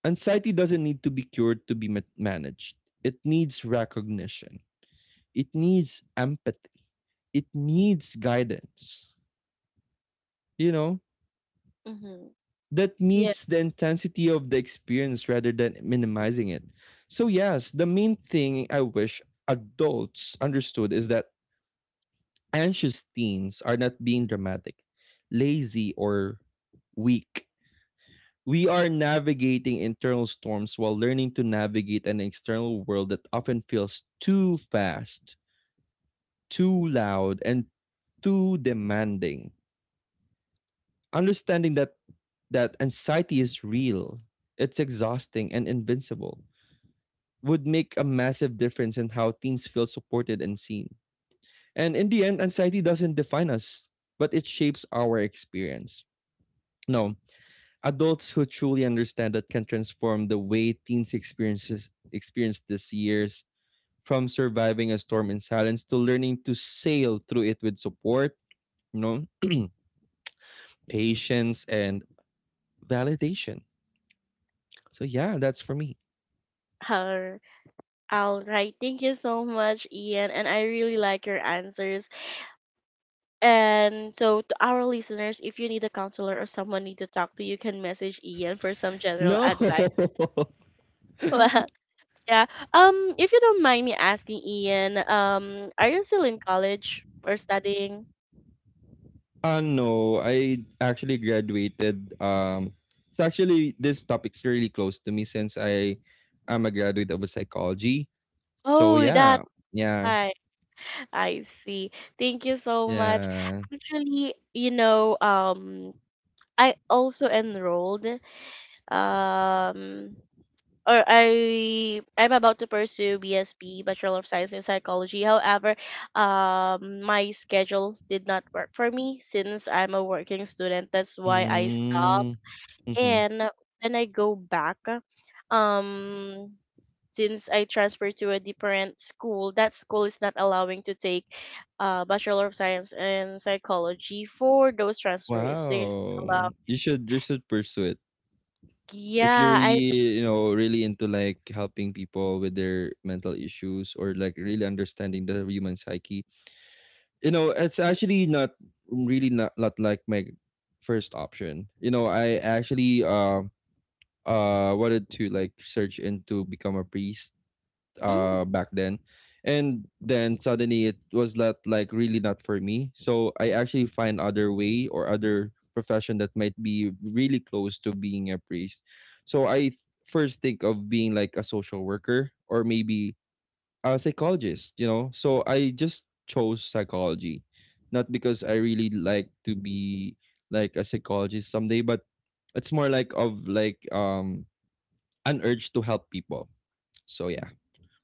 [SPEAKER 2] Anxiety doesn't need to be cured to be managed. It needs recognition. It needs empathy. It needs guidance. You know?
[SPEAKER 1] Mm-hmm.
[SPEAKER 2] That
[SPEAKER 1] Yeah.
[SPEAKER 2] meets the intensity of the experience rather than minimizing it. So, yes, the main thing I wish adults understood is that anxious teens are not being dramatic, lazy, or weak. We are navigating internal storms while learning to navigate an external world that often feels too fast, too loud, and too demanding. Understanding that anxiety is real, it's exhausting and invincible, would make a massive difference in how teens feel supported and seen. And in the end, anxiety doesn't define us, but it shapes our experience. No, adults who truly understand that can transform the way teens experience these years from surviving a storm in silence to learning to sail through it with support, you know, patience, and validation. So yeah, that's for me.
[SPEAKER 1] Har- All right. Thank you so much, Ian. And I really like your answers. And so, to our listeners, if you need a counselor or someone need to talk to, you can message Ian for some general
[SPEAKER 2] No.
[SPEAKER 1] advice. Well, yeah. If you don't mind me asking, Ian, are you still in college or studying?
[SPEAKER 2] No, I actually graduated. It's actually this topic's really close to me since I am a graduate of a psychology. So
[SPEAKER 1] Oh,
[SPEAKER 2] yeah,
[SPEAKER 1] that's
[SPEAKER 2] yeah,
[SPEAKER 1] right. I see. Thank you so much.
[SPEAKER 2] yeah.
[SPEAKER 1] Actually, you know, I also enrolled um or I'm about to pursue BSP, Bachelor of Science in Psychology. However, my schedule did not work for me since I'm a working student. That's why I stopped.
[SPEAKER 2] Mm, mm-hmm.
[SPEAKER 1] And when I go back, since I transferred to a different school, that school is not allowing to take Bachelor of Science in Psychology for those transfers. They allow.
[SPEAKER 2] Wow, you should pursue it if you're
[SPEAKER 1] Yeah, I.
[SPEAKER 2] really, you know, really into like helping people with their mental issues or like really understanding the human psyche. You know, it's actually not really not like my first option. You know, I actually wanted to like search into become a priest
[SPEAKER 1] Mm,
[SPEAKER 2] back then. And then suddenly it was not like really not for me. So I actually find other way or other profession that might be really close to being a priest. So I first think of being like a social worker or maybe a psychologist, you know. So I just chose psychology, not because I really like to be like a psychologist someday, but it's more like of like an urge to help people. So yeah.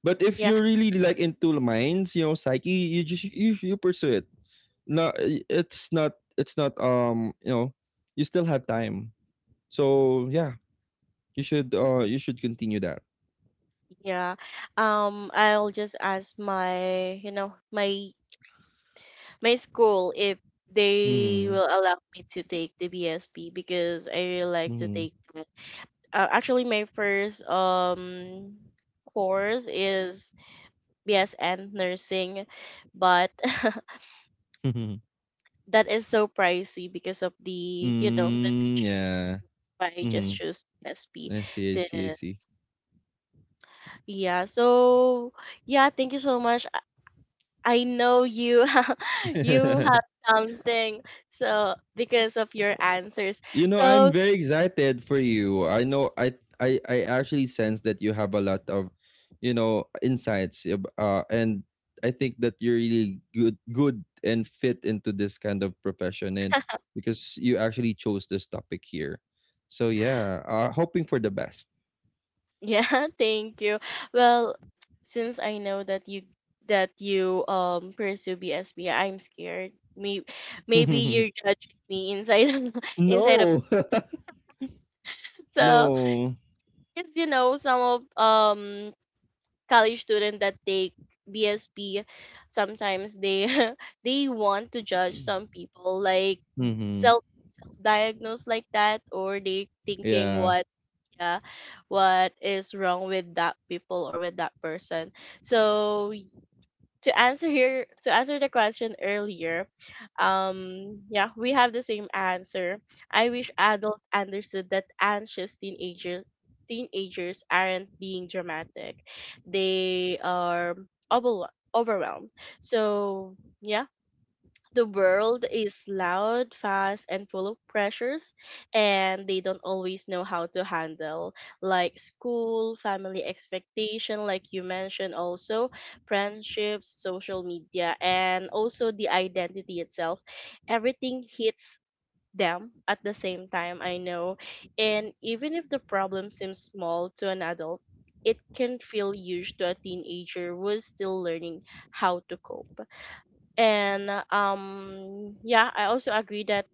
[SPEAKER 2] But if
[SPEAKER 1] yeah.
[SPEAKER 2] you're really like into the minds, you know, psyche, you pursue it. No, it's not, it's not, you know, you still have time. So yeah, you should continue that.
[SPEAKER 1] Yeah. I'll just ask my, you know, my school if they
[SPEAKER 2] Mm-hmm.
[SPEAKER 1] will allow me to take the BSP because I really like to
[SPEAKER 2] Mm-hmm.
[SPEAKER 1] take that. Actually, my first course is BSN nursing, but that is so pricey because of the, you know, the
[SPEAKER 2] Mm,
[SPEAKER 1] tuition.
[SPEAKER 2] yeah.
[SPEAKER 1] I just
[SPEAKER 2] Mm-hmm.
[SPEAKER 1] choose BSP
[SPEAKER 2] I see, I
[SPEAKER 1] since
[SPEAKER 2] see, I see.
[SPEAKER 1] yeah. So yeah, thank you so much. I know you you have something so because of your answers.
[SPEAKER 2] You know, I'm
[SPEAKER 1] So
[SPEAKER 2] very excited for you. I know I actually sense that you have a lot of, you know, insights and I think that you're really good and fit into this kind of profession and because you actually chose this topic here. So yeah, hoping for the best.
[SPEAKER 1] yeah, thank you. Well, since I know that you pursue BSB, I'm scared. Maybe you're judging me inside of, inside of
[SPEAKER 2] No.
[SPEAKER 1] so
[SPEAKER 2] No.
[SPEAKER 1] because you know some of college students that take BSB sometimes they they want to judge some people like
[SPEAKER 2] Mhm.
[SPEAKER 1] self diagnosed like that or they thinking
[SPEAKER 2] Yeah.
[SPEAKER 1] what yeah what is wrong with that people or with that person so to answer here to answer the question earlier yeah we have the same answer. I wish adults understood that anxious teenagers aren't being dramatic. They are overwhel- overwhelmed, so yeah. The world is loud, fast, and full of pressures, and they don't always know how to handle, like school, family expectation, like you mentioned, also friendships, social media, and also the identity itself. Everything hits them at the same time, I know. And even if the problem seems small to an adult, it can feel huge to a teenager who is still learning how to cope. And yeah, I also agree that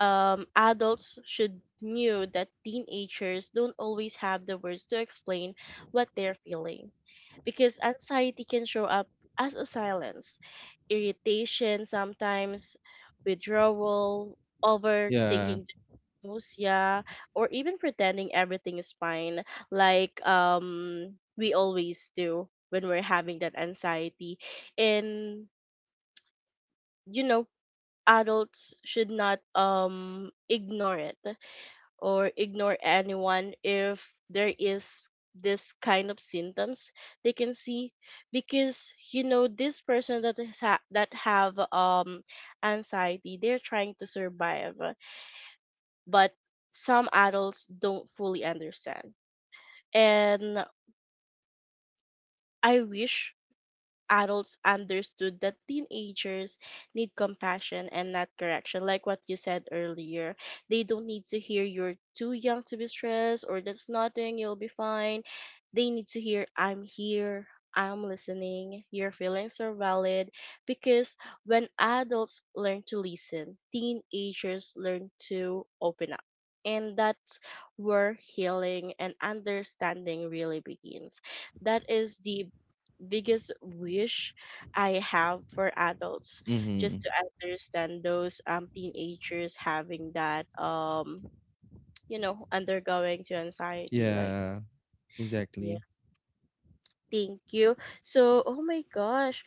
[SPEAKER 1] adults should knew that teenagers don't always have the words to explain what they're feeling, because anxiety can show up as a silence, irritation sometimes, withdrawal,
[SPEAKER 2] Yeah.
[SPEAKER 1] overthinking the news, yeah, or even pretending everything is fine, like we always do when we're having that anxiety. And you know, adults should not ignore it, or ignore anyone if there is this kind of symptoms they can see, because you know this person that that have anxiety, they're trying to survive. But some adults don't fully understand. And I wish adults understood that teenagers need compassion and not correction, like what you said earlier. They don't need to hear you're too young to be stressed, or that's nothing, you'll be fine. They need to hear I'm here, I'm listening, your feelings are valid. Because when adults learn to listen, teenagers learn to open up, and that's where healing and understanding really begins. That is the biggest wish I have for adults,
[SPEAKER 2] Mhm.
[SPEAKER 1] just to understand those teenagers having that you know undergoing to anxiety like,
[SPEAKER 2] Yeah.
[SPEAKER 1] yeah.
[SPEAKER 2] Exactly.
[SPEAKER 1] Thank you. So oh my gosh,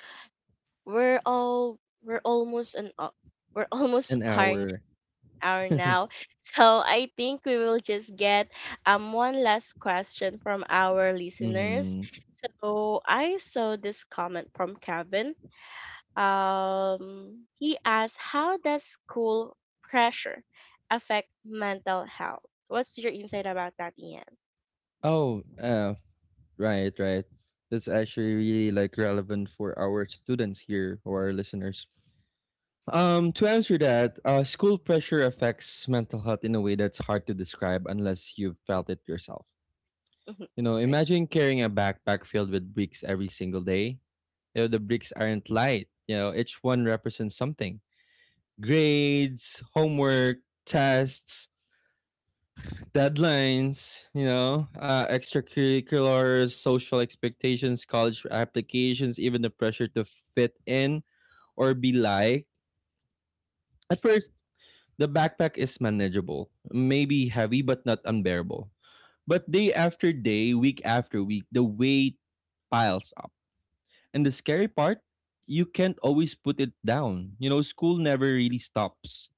[SPEAKER 1] we're almost an we're almost
[SPEAKER 2] An
[SPEAKER 1] our
[SPEAKER 2] hour.
[SPEAKER 1] hour now. So I think we will just get one last question from our listeners.
[SPEAKER 2] Mhm.
[SPEAKER 1] So I saw this comment from Kevin. He asked, how does school pressure affect mental health? What's your insight about that, Ian?
[SPEAKER 2] Oh, right, right. That's actually really like relevant for our students here or our listeners. To answer that, school pressure affects mental health in a way that's hard to describe unless you've felt it yourself.
[SPEAKER 1] Mhm.
[SPEAKER 2] You know,
[SPEAKER 1] Right.
[SPEAKER 2] imagine carrying a backpack filled with bricks every single day. You know, the bricks aren't light. You know, each one represents something: grades, homework, tests, deadlines, you know, extracurriculars, social expectations, college applications, even the pressure to fit in or be liked. At first, the backpack is manageable, maybe heavy but not unbearable. But day after day, week after week, the weight piles up. And the scary part, you can't always put it down. You know, school never really stops.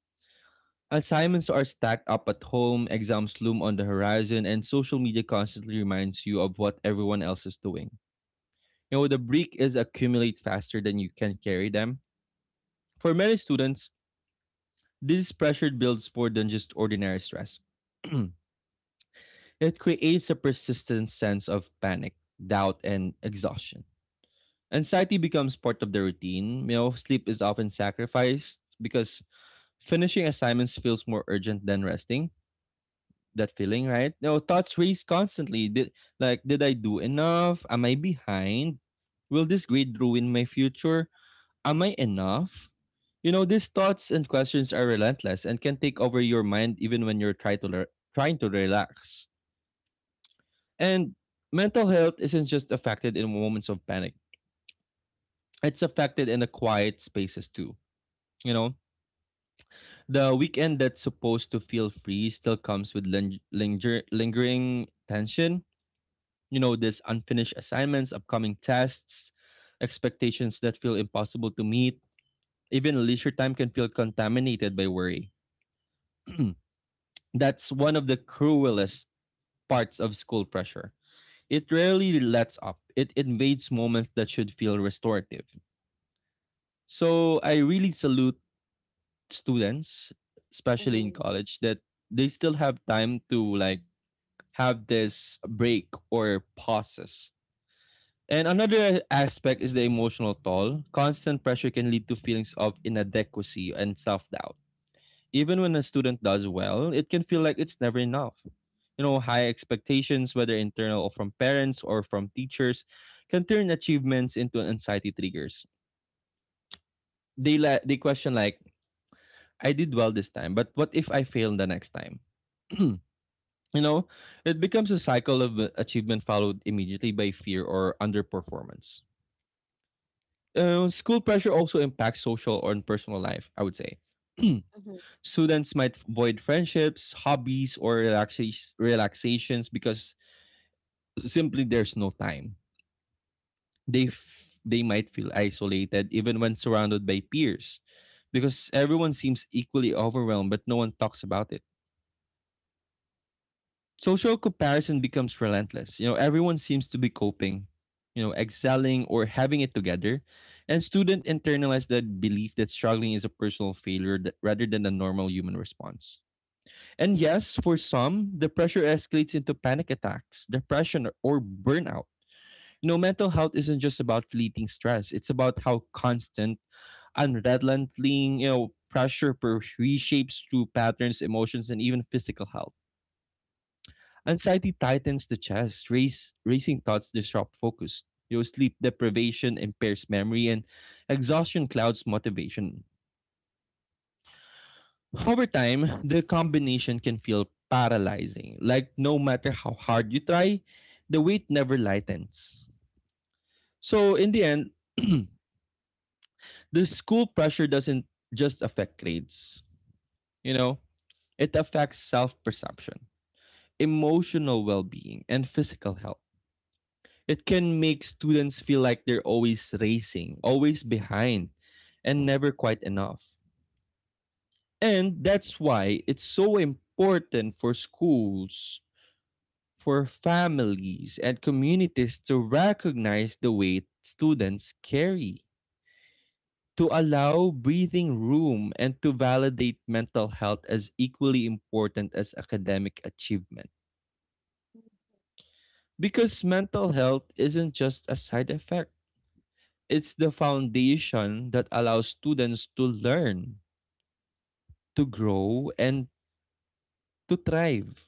[SPEAKER 2] Assignments are stacked up at home, exams loom on the horizon, and social media constantly reminds you of what everyone else is doing. You know, the break is accumulate faster than you can carry them. For many students, this pressure builds more than just ordinary stress. It creates a persistent sense of panic, doubt, and exhaustion. Anxiety becomes part of the routine. You know, sleep is often sacrificed because finishing assignments feels more urgent than resting that feeling, right? No, thoughts race constantly. Did I do enough? Am I behind? Will this grade ruin my future? Am I enough? You know, these thoughts and questions are relentless and can take over your mind even when you're trying to relax. And mental health isn't just affected in moments of panic. It's affected in the quiet spaces too. You know, the weekend that's supposed to feel free still comes with lingering tension, you know, these unfinished assignments, upcoming tests, expectations that feel impossible to meet. Even leisure time can feel contaminated by worry. That's one of the cruelest parts of school pressure. It rarely lets up. It invades moments that should feel restorative. So I really salute students, especially in
[SPEAKER 1] Mhm.
[SPEAKER 2] college, that they still have time to like have this break or pauses. And another aspect is the emotional toll. Constant pressure can lead to feelings of inadequacy and self doubt. Even when a student does well, it can feel like it's never enough. You know, high expectations, whether internal or from parents or from teachers, can turn achievements into anxiety triggers. They question, like, I did well this time, but what if I fail the next time? You know, it becomes a cycle of achievement followed immediately by fear or underperformance. School pressure also impacts social or personal life, I would say.
[SPEAKER 1] Mhm.
[SPEAKER 2] Students might avoid friendships, hobbies, or relaxations because simply there's no time. They f- they might feel isolated even when surrounded by peers because everyone seems equally overwhelmed, but no one talks about it. Social comparison becomes relentless. You know, everyone seems to be coping, you know, excelling or having it together. And students internalize the belief that struggling is a personal failure that, rather than a normal human response. And yes, for some, the pressure escalates into panic attacks, depression, or burnout. You know, mental health isn't just about fleeting stress. It's about how constant, unrelenting, you know, reshapes through patterns, emotions, and even physical health. Anxiety tightens the chest, racing thoughts disrupt focus. Your sleep deprivation impairs memory, and exhaustion clouds motivation. Over time, the combination can feel paralyzing. Like no matter how hard you try, the weight never lightens. So, in the end, the school pressure doesn't just affect grades, you know, it affects self perception, emotional well being, and physical health. It can make students feel like they're always racing, always behind, and never quite enough. And that's why it's so important for schools, for families, and communities to recognize the weight students carry, to allow breathing room, and to validate mental health as equally important as academic achievement. Because mental health isn't just a side effect. It's the foundation that allows students to learn, to grow, and to thrive.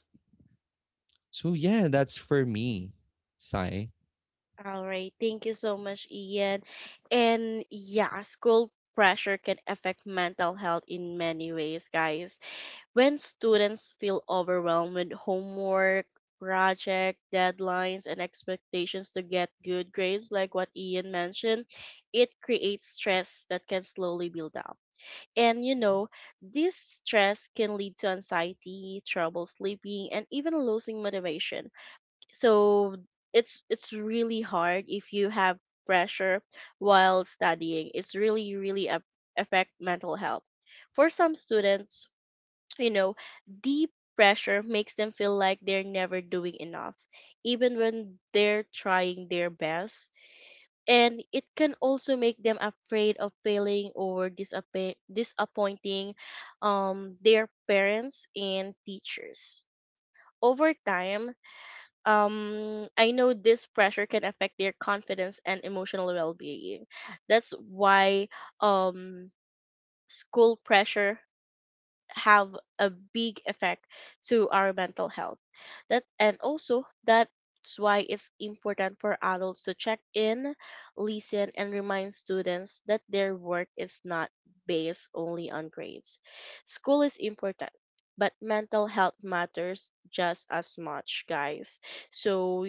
[SPEAKER 2] So yeah, that's for me, Sai.
[SPEAKER 1] All right. Thank you so much, Ian. And yeah, school pressure can affect mental health in many ways, guys. When students feel overwhelmed with homework, project deadlines, and expectations to get good grades, like what Ian mentioned, it creates stress that can slowly build up. And you know, this stress can lead to anxiety, trouble sleeping, and even losing motivation. So it's really hard if you have pressure while studying. It's really really a affect mental health. For some students, you know, deep pressure makes them feel like they're never doing enough, even when they're trying their best. And it can also make them afraid of failing or disappointing their parents and teachers. Over time, I know this pressure can affect their confidence and emotional well being. That's why um, school pressure have a big effect to our mental health. That and also that's why it's important for adults to check in, listen, and remind students that their work is not based only on grades. School is important, but mental health matters just as much, guys. So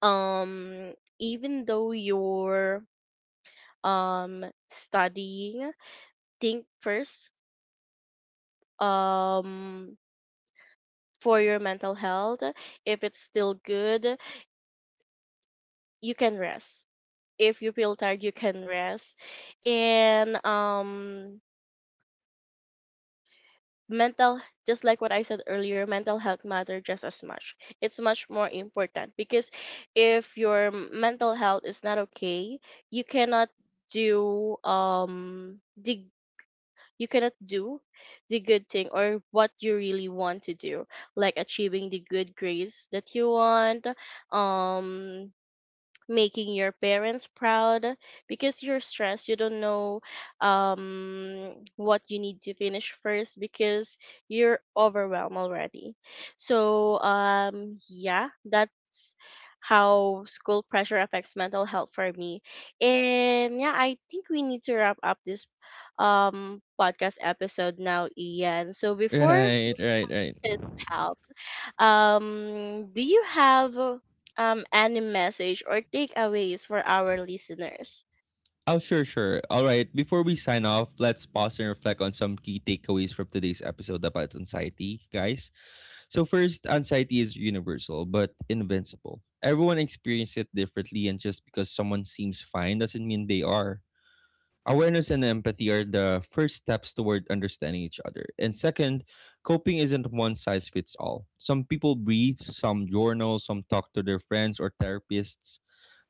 [SPEAKER 1] um even though you're studying, think first um for your mental health. If it's still good, you can rest. If you feel tired, you can rest. And mental, just like what I said earlier, mental health matter just as much. It's much more important because if your mental health is not okay, you cannot do the you cannot do the good thing or what you really want to do, like achieving the good grades that you want, um making your parents proud, because you're stressed, you don't know what you need to finish first because you're overwhelmed already. So yeah, that's how school pressure affects mental health for me. And yeah, I think we need to wrap up this podcast episode now, Ian. So before we
[SPEAKER 2] Right, right, right.
[SPEAKER 1] can help, do you have any message or takeaways for our listeners?
[SPEAKER 2] Oh, sure, sure. All right. Before we sign off, let's pause and reflect on some key takeaways from today's episode about anxiety, guys. So, first, anxiety is universal but invincible. Everyone experiences it differently, and just because someone seems fine doesn't mean they are. Awareness and empathy are the first steps toward understanding each other. And second, coping isn't one size fits all. Some people breathe, some journal, some talk to their friends or therapists.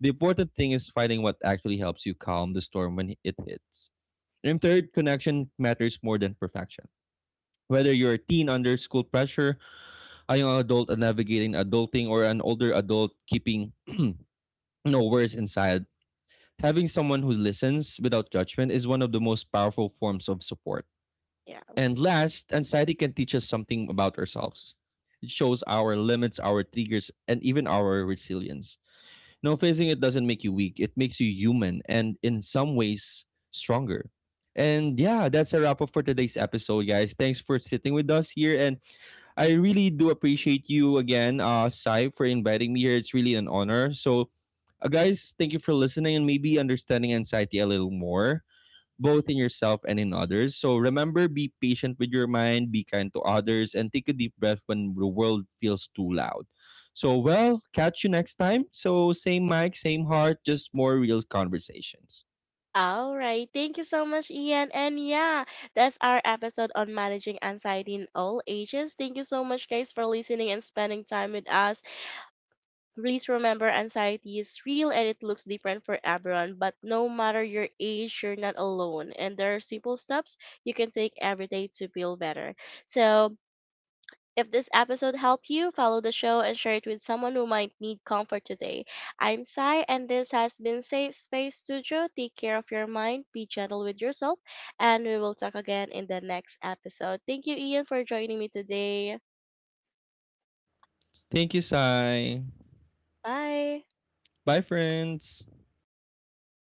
[SPEAKER 2] The important thing is finding what actually helps you calm the storm when it hits. And third, connection matters more than perfection. Whether you're a teen under school pressure, a young adult navigating adulting, or an older adult keeping no worries inside, having someone who listens without judgment is one of the most powerful forms of support. And
[SPEAKER 1] Yes.
[SPEAKER 2] last, anxiety can teach us something about ourselves. It shows our limits, our triggers, and even our resilience. No, facing it doesn't make you weak, it makes you human and in some ways stronger. And yeah, that's a wrap up for today's episode, guys. Thanks for sitting with us here and I really do appreciate you again, Sai, for inviting me here. It's really an honor. So, guys, thank you for listening and maybe understanding anxiety a little more, both in yourself and in others. So, remember, be patient with your mind, be kind to others, and take a deep breath when the world feels too loud. So, well, catch you next time. So, same mic, same heart, just more real conversations.
[SPEAKER 1] All right. Thank you so much, Ian. And yeah, that's our episode on managing anxiety in all ages. Thank you so much, guys, for listening and spending time with us. Please remember, anxiety is real and it looks different for everyone. But no matter your age, you're not alone. And there are simple steps you can take every day to feel better. So if this episode helped you, follow the show and share it with someone who might need comfort today. I'm Sai, and this has been Safe Space Studio. Take care of your mind, be gentle with yourself, and we will talk again in the next episode. Thank you, Ian, for joining me today.
[SPEAKER 2] Thank you, Sai.
[SPEAKER 1] Bye.
[SPEAKER 2] Bye, friends.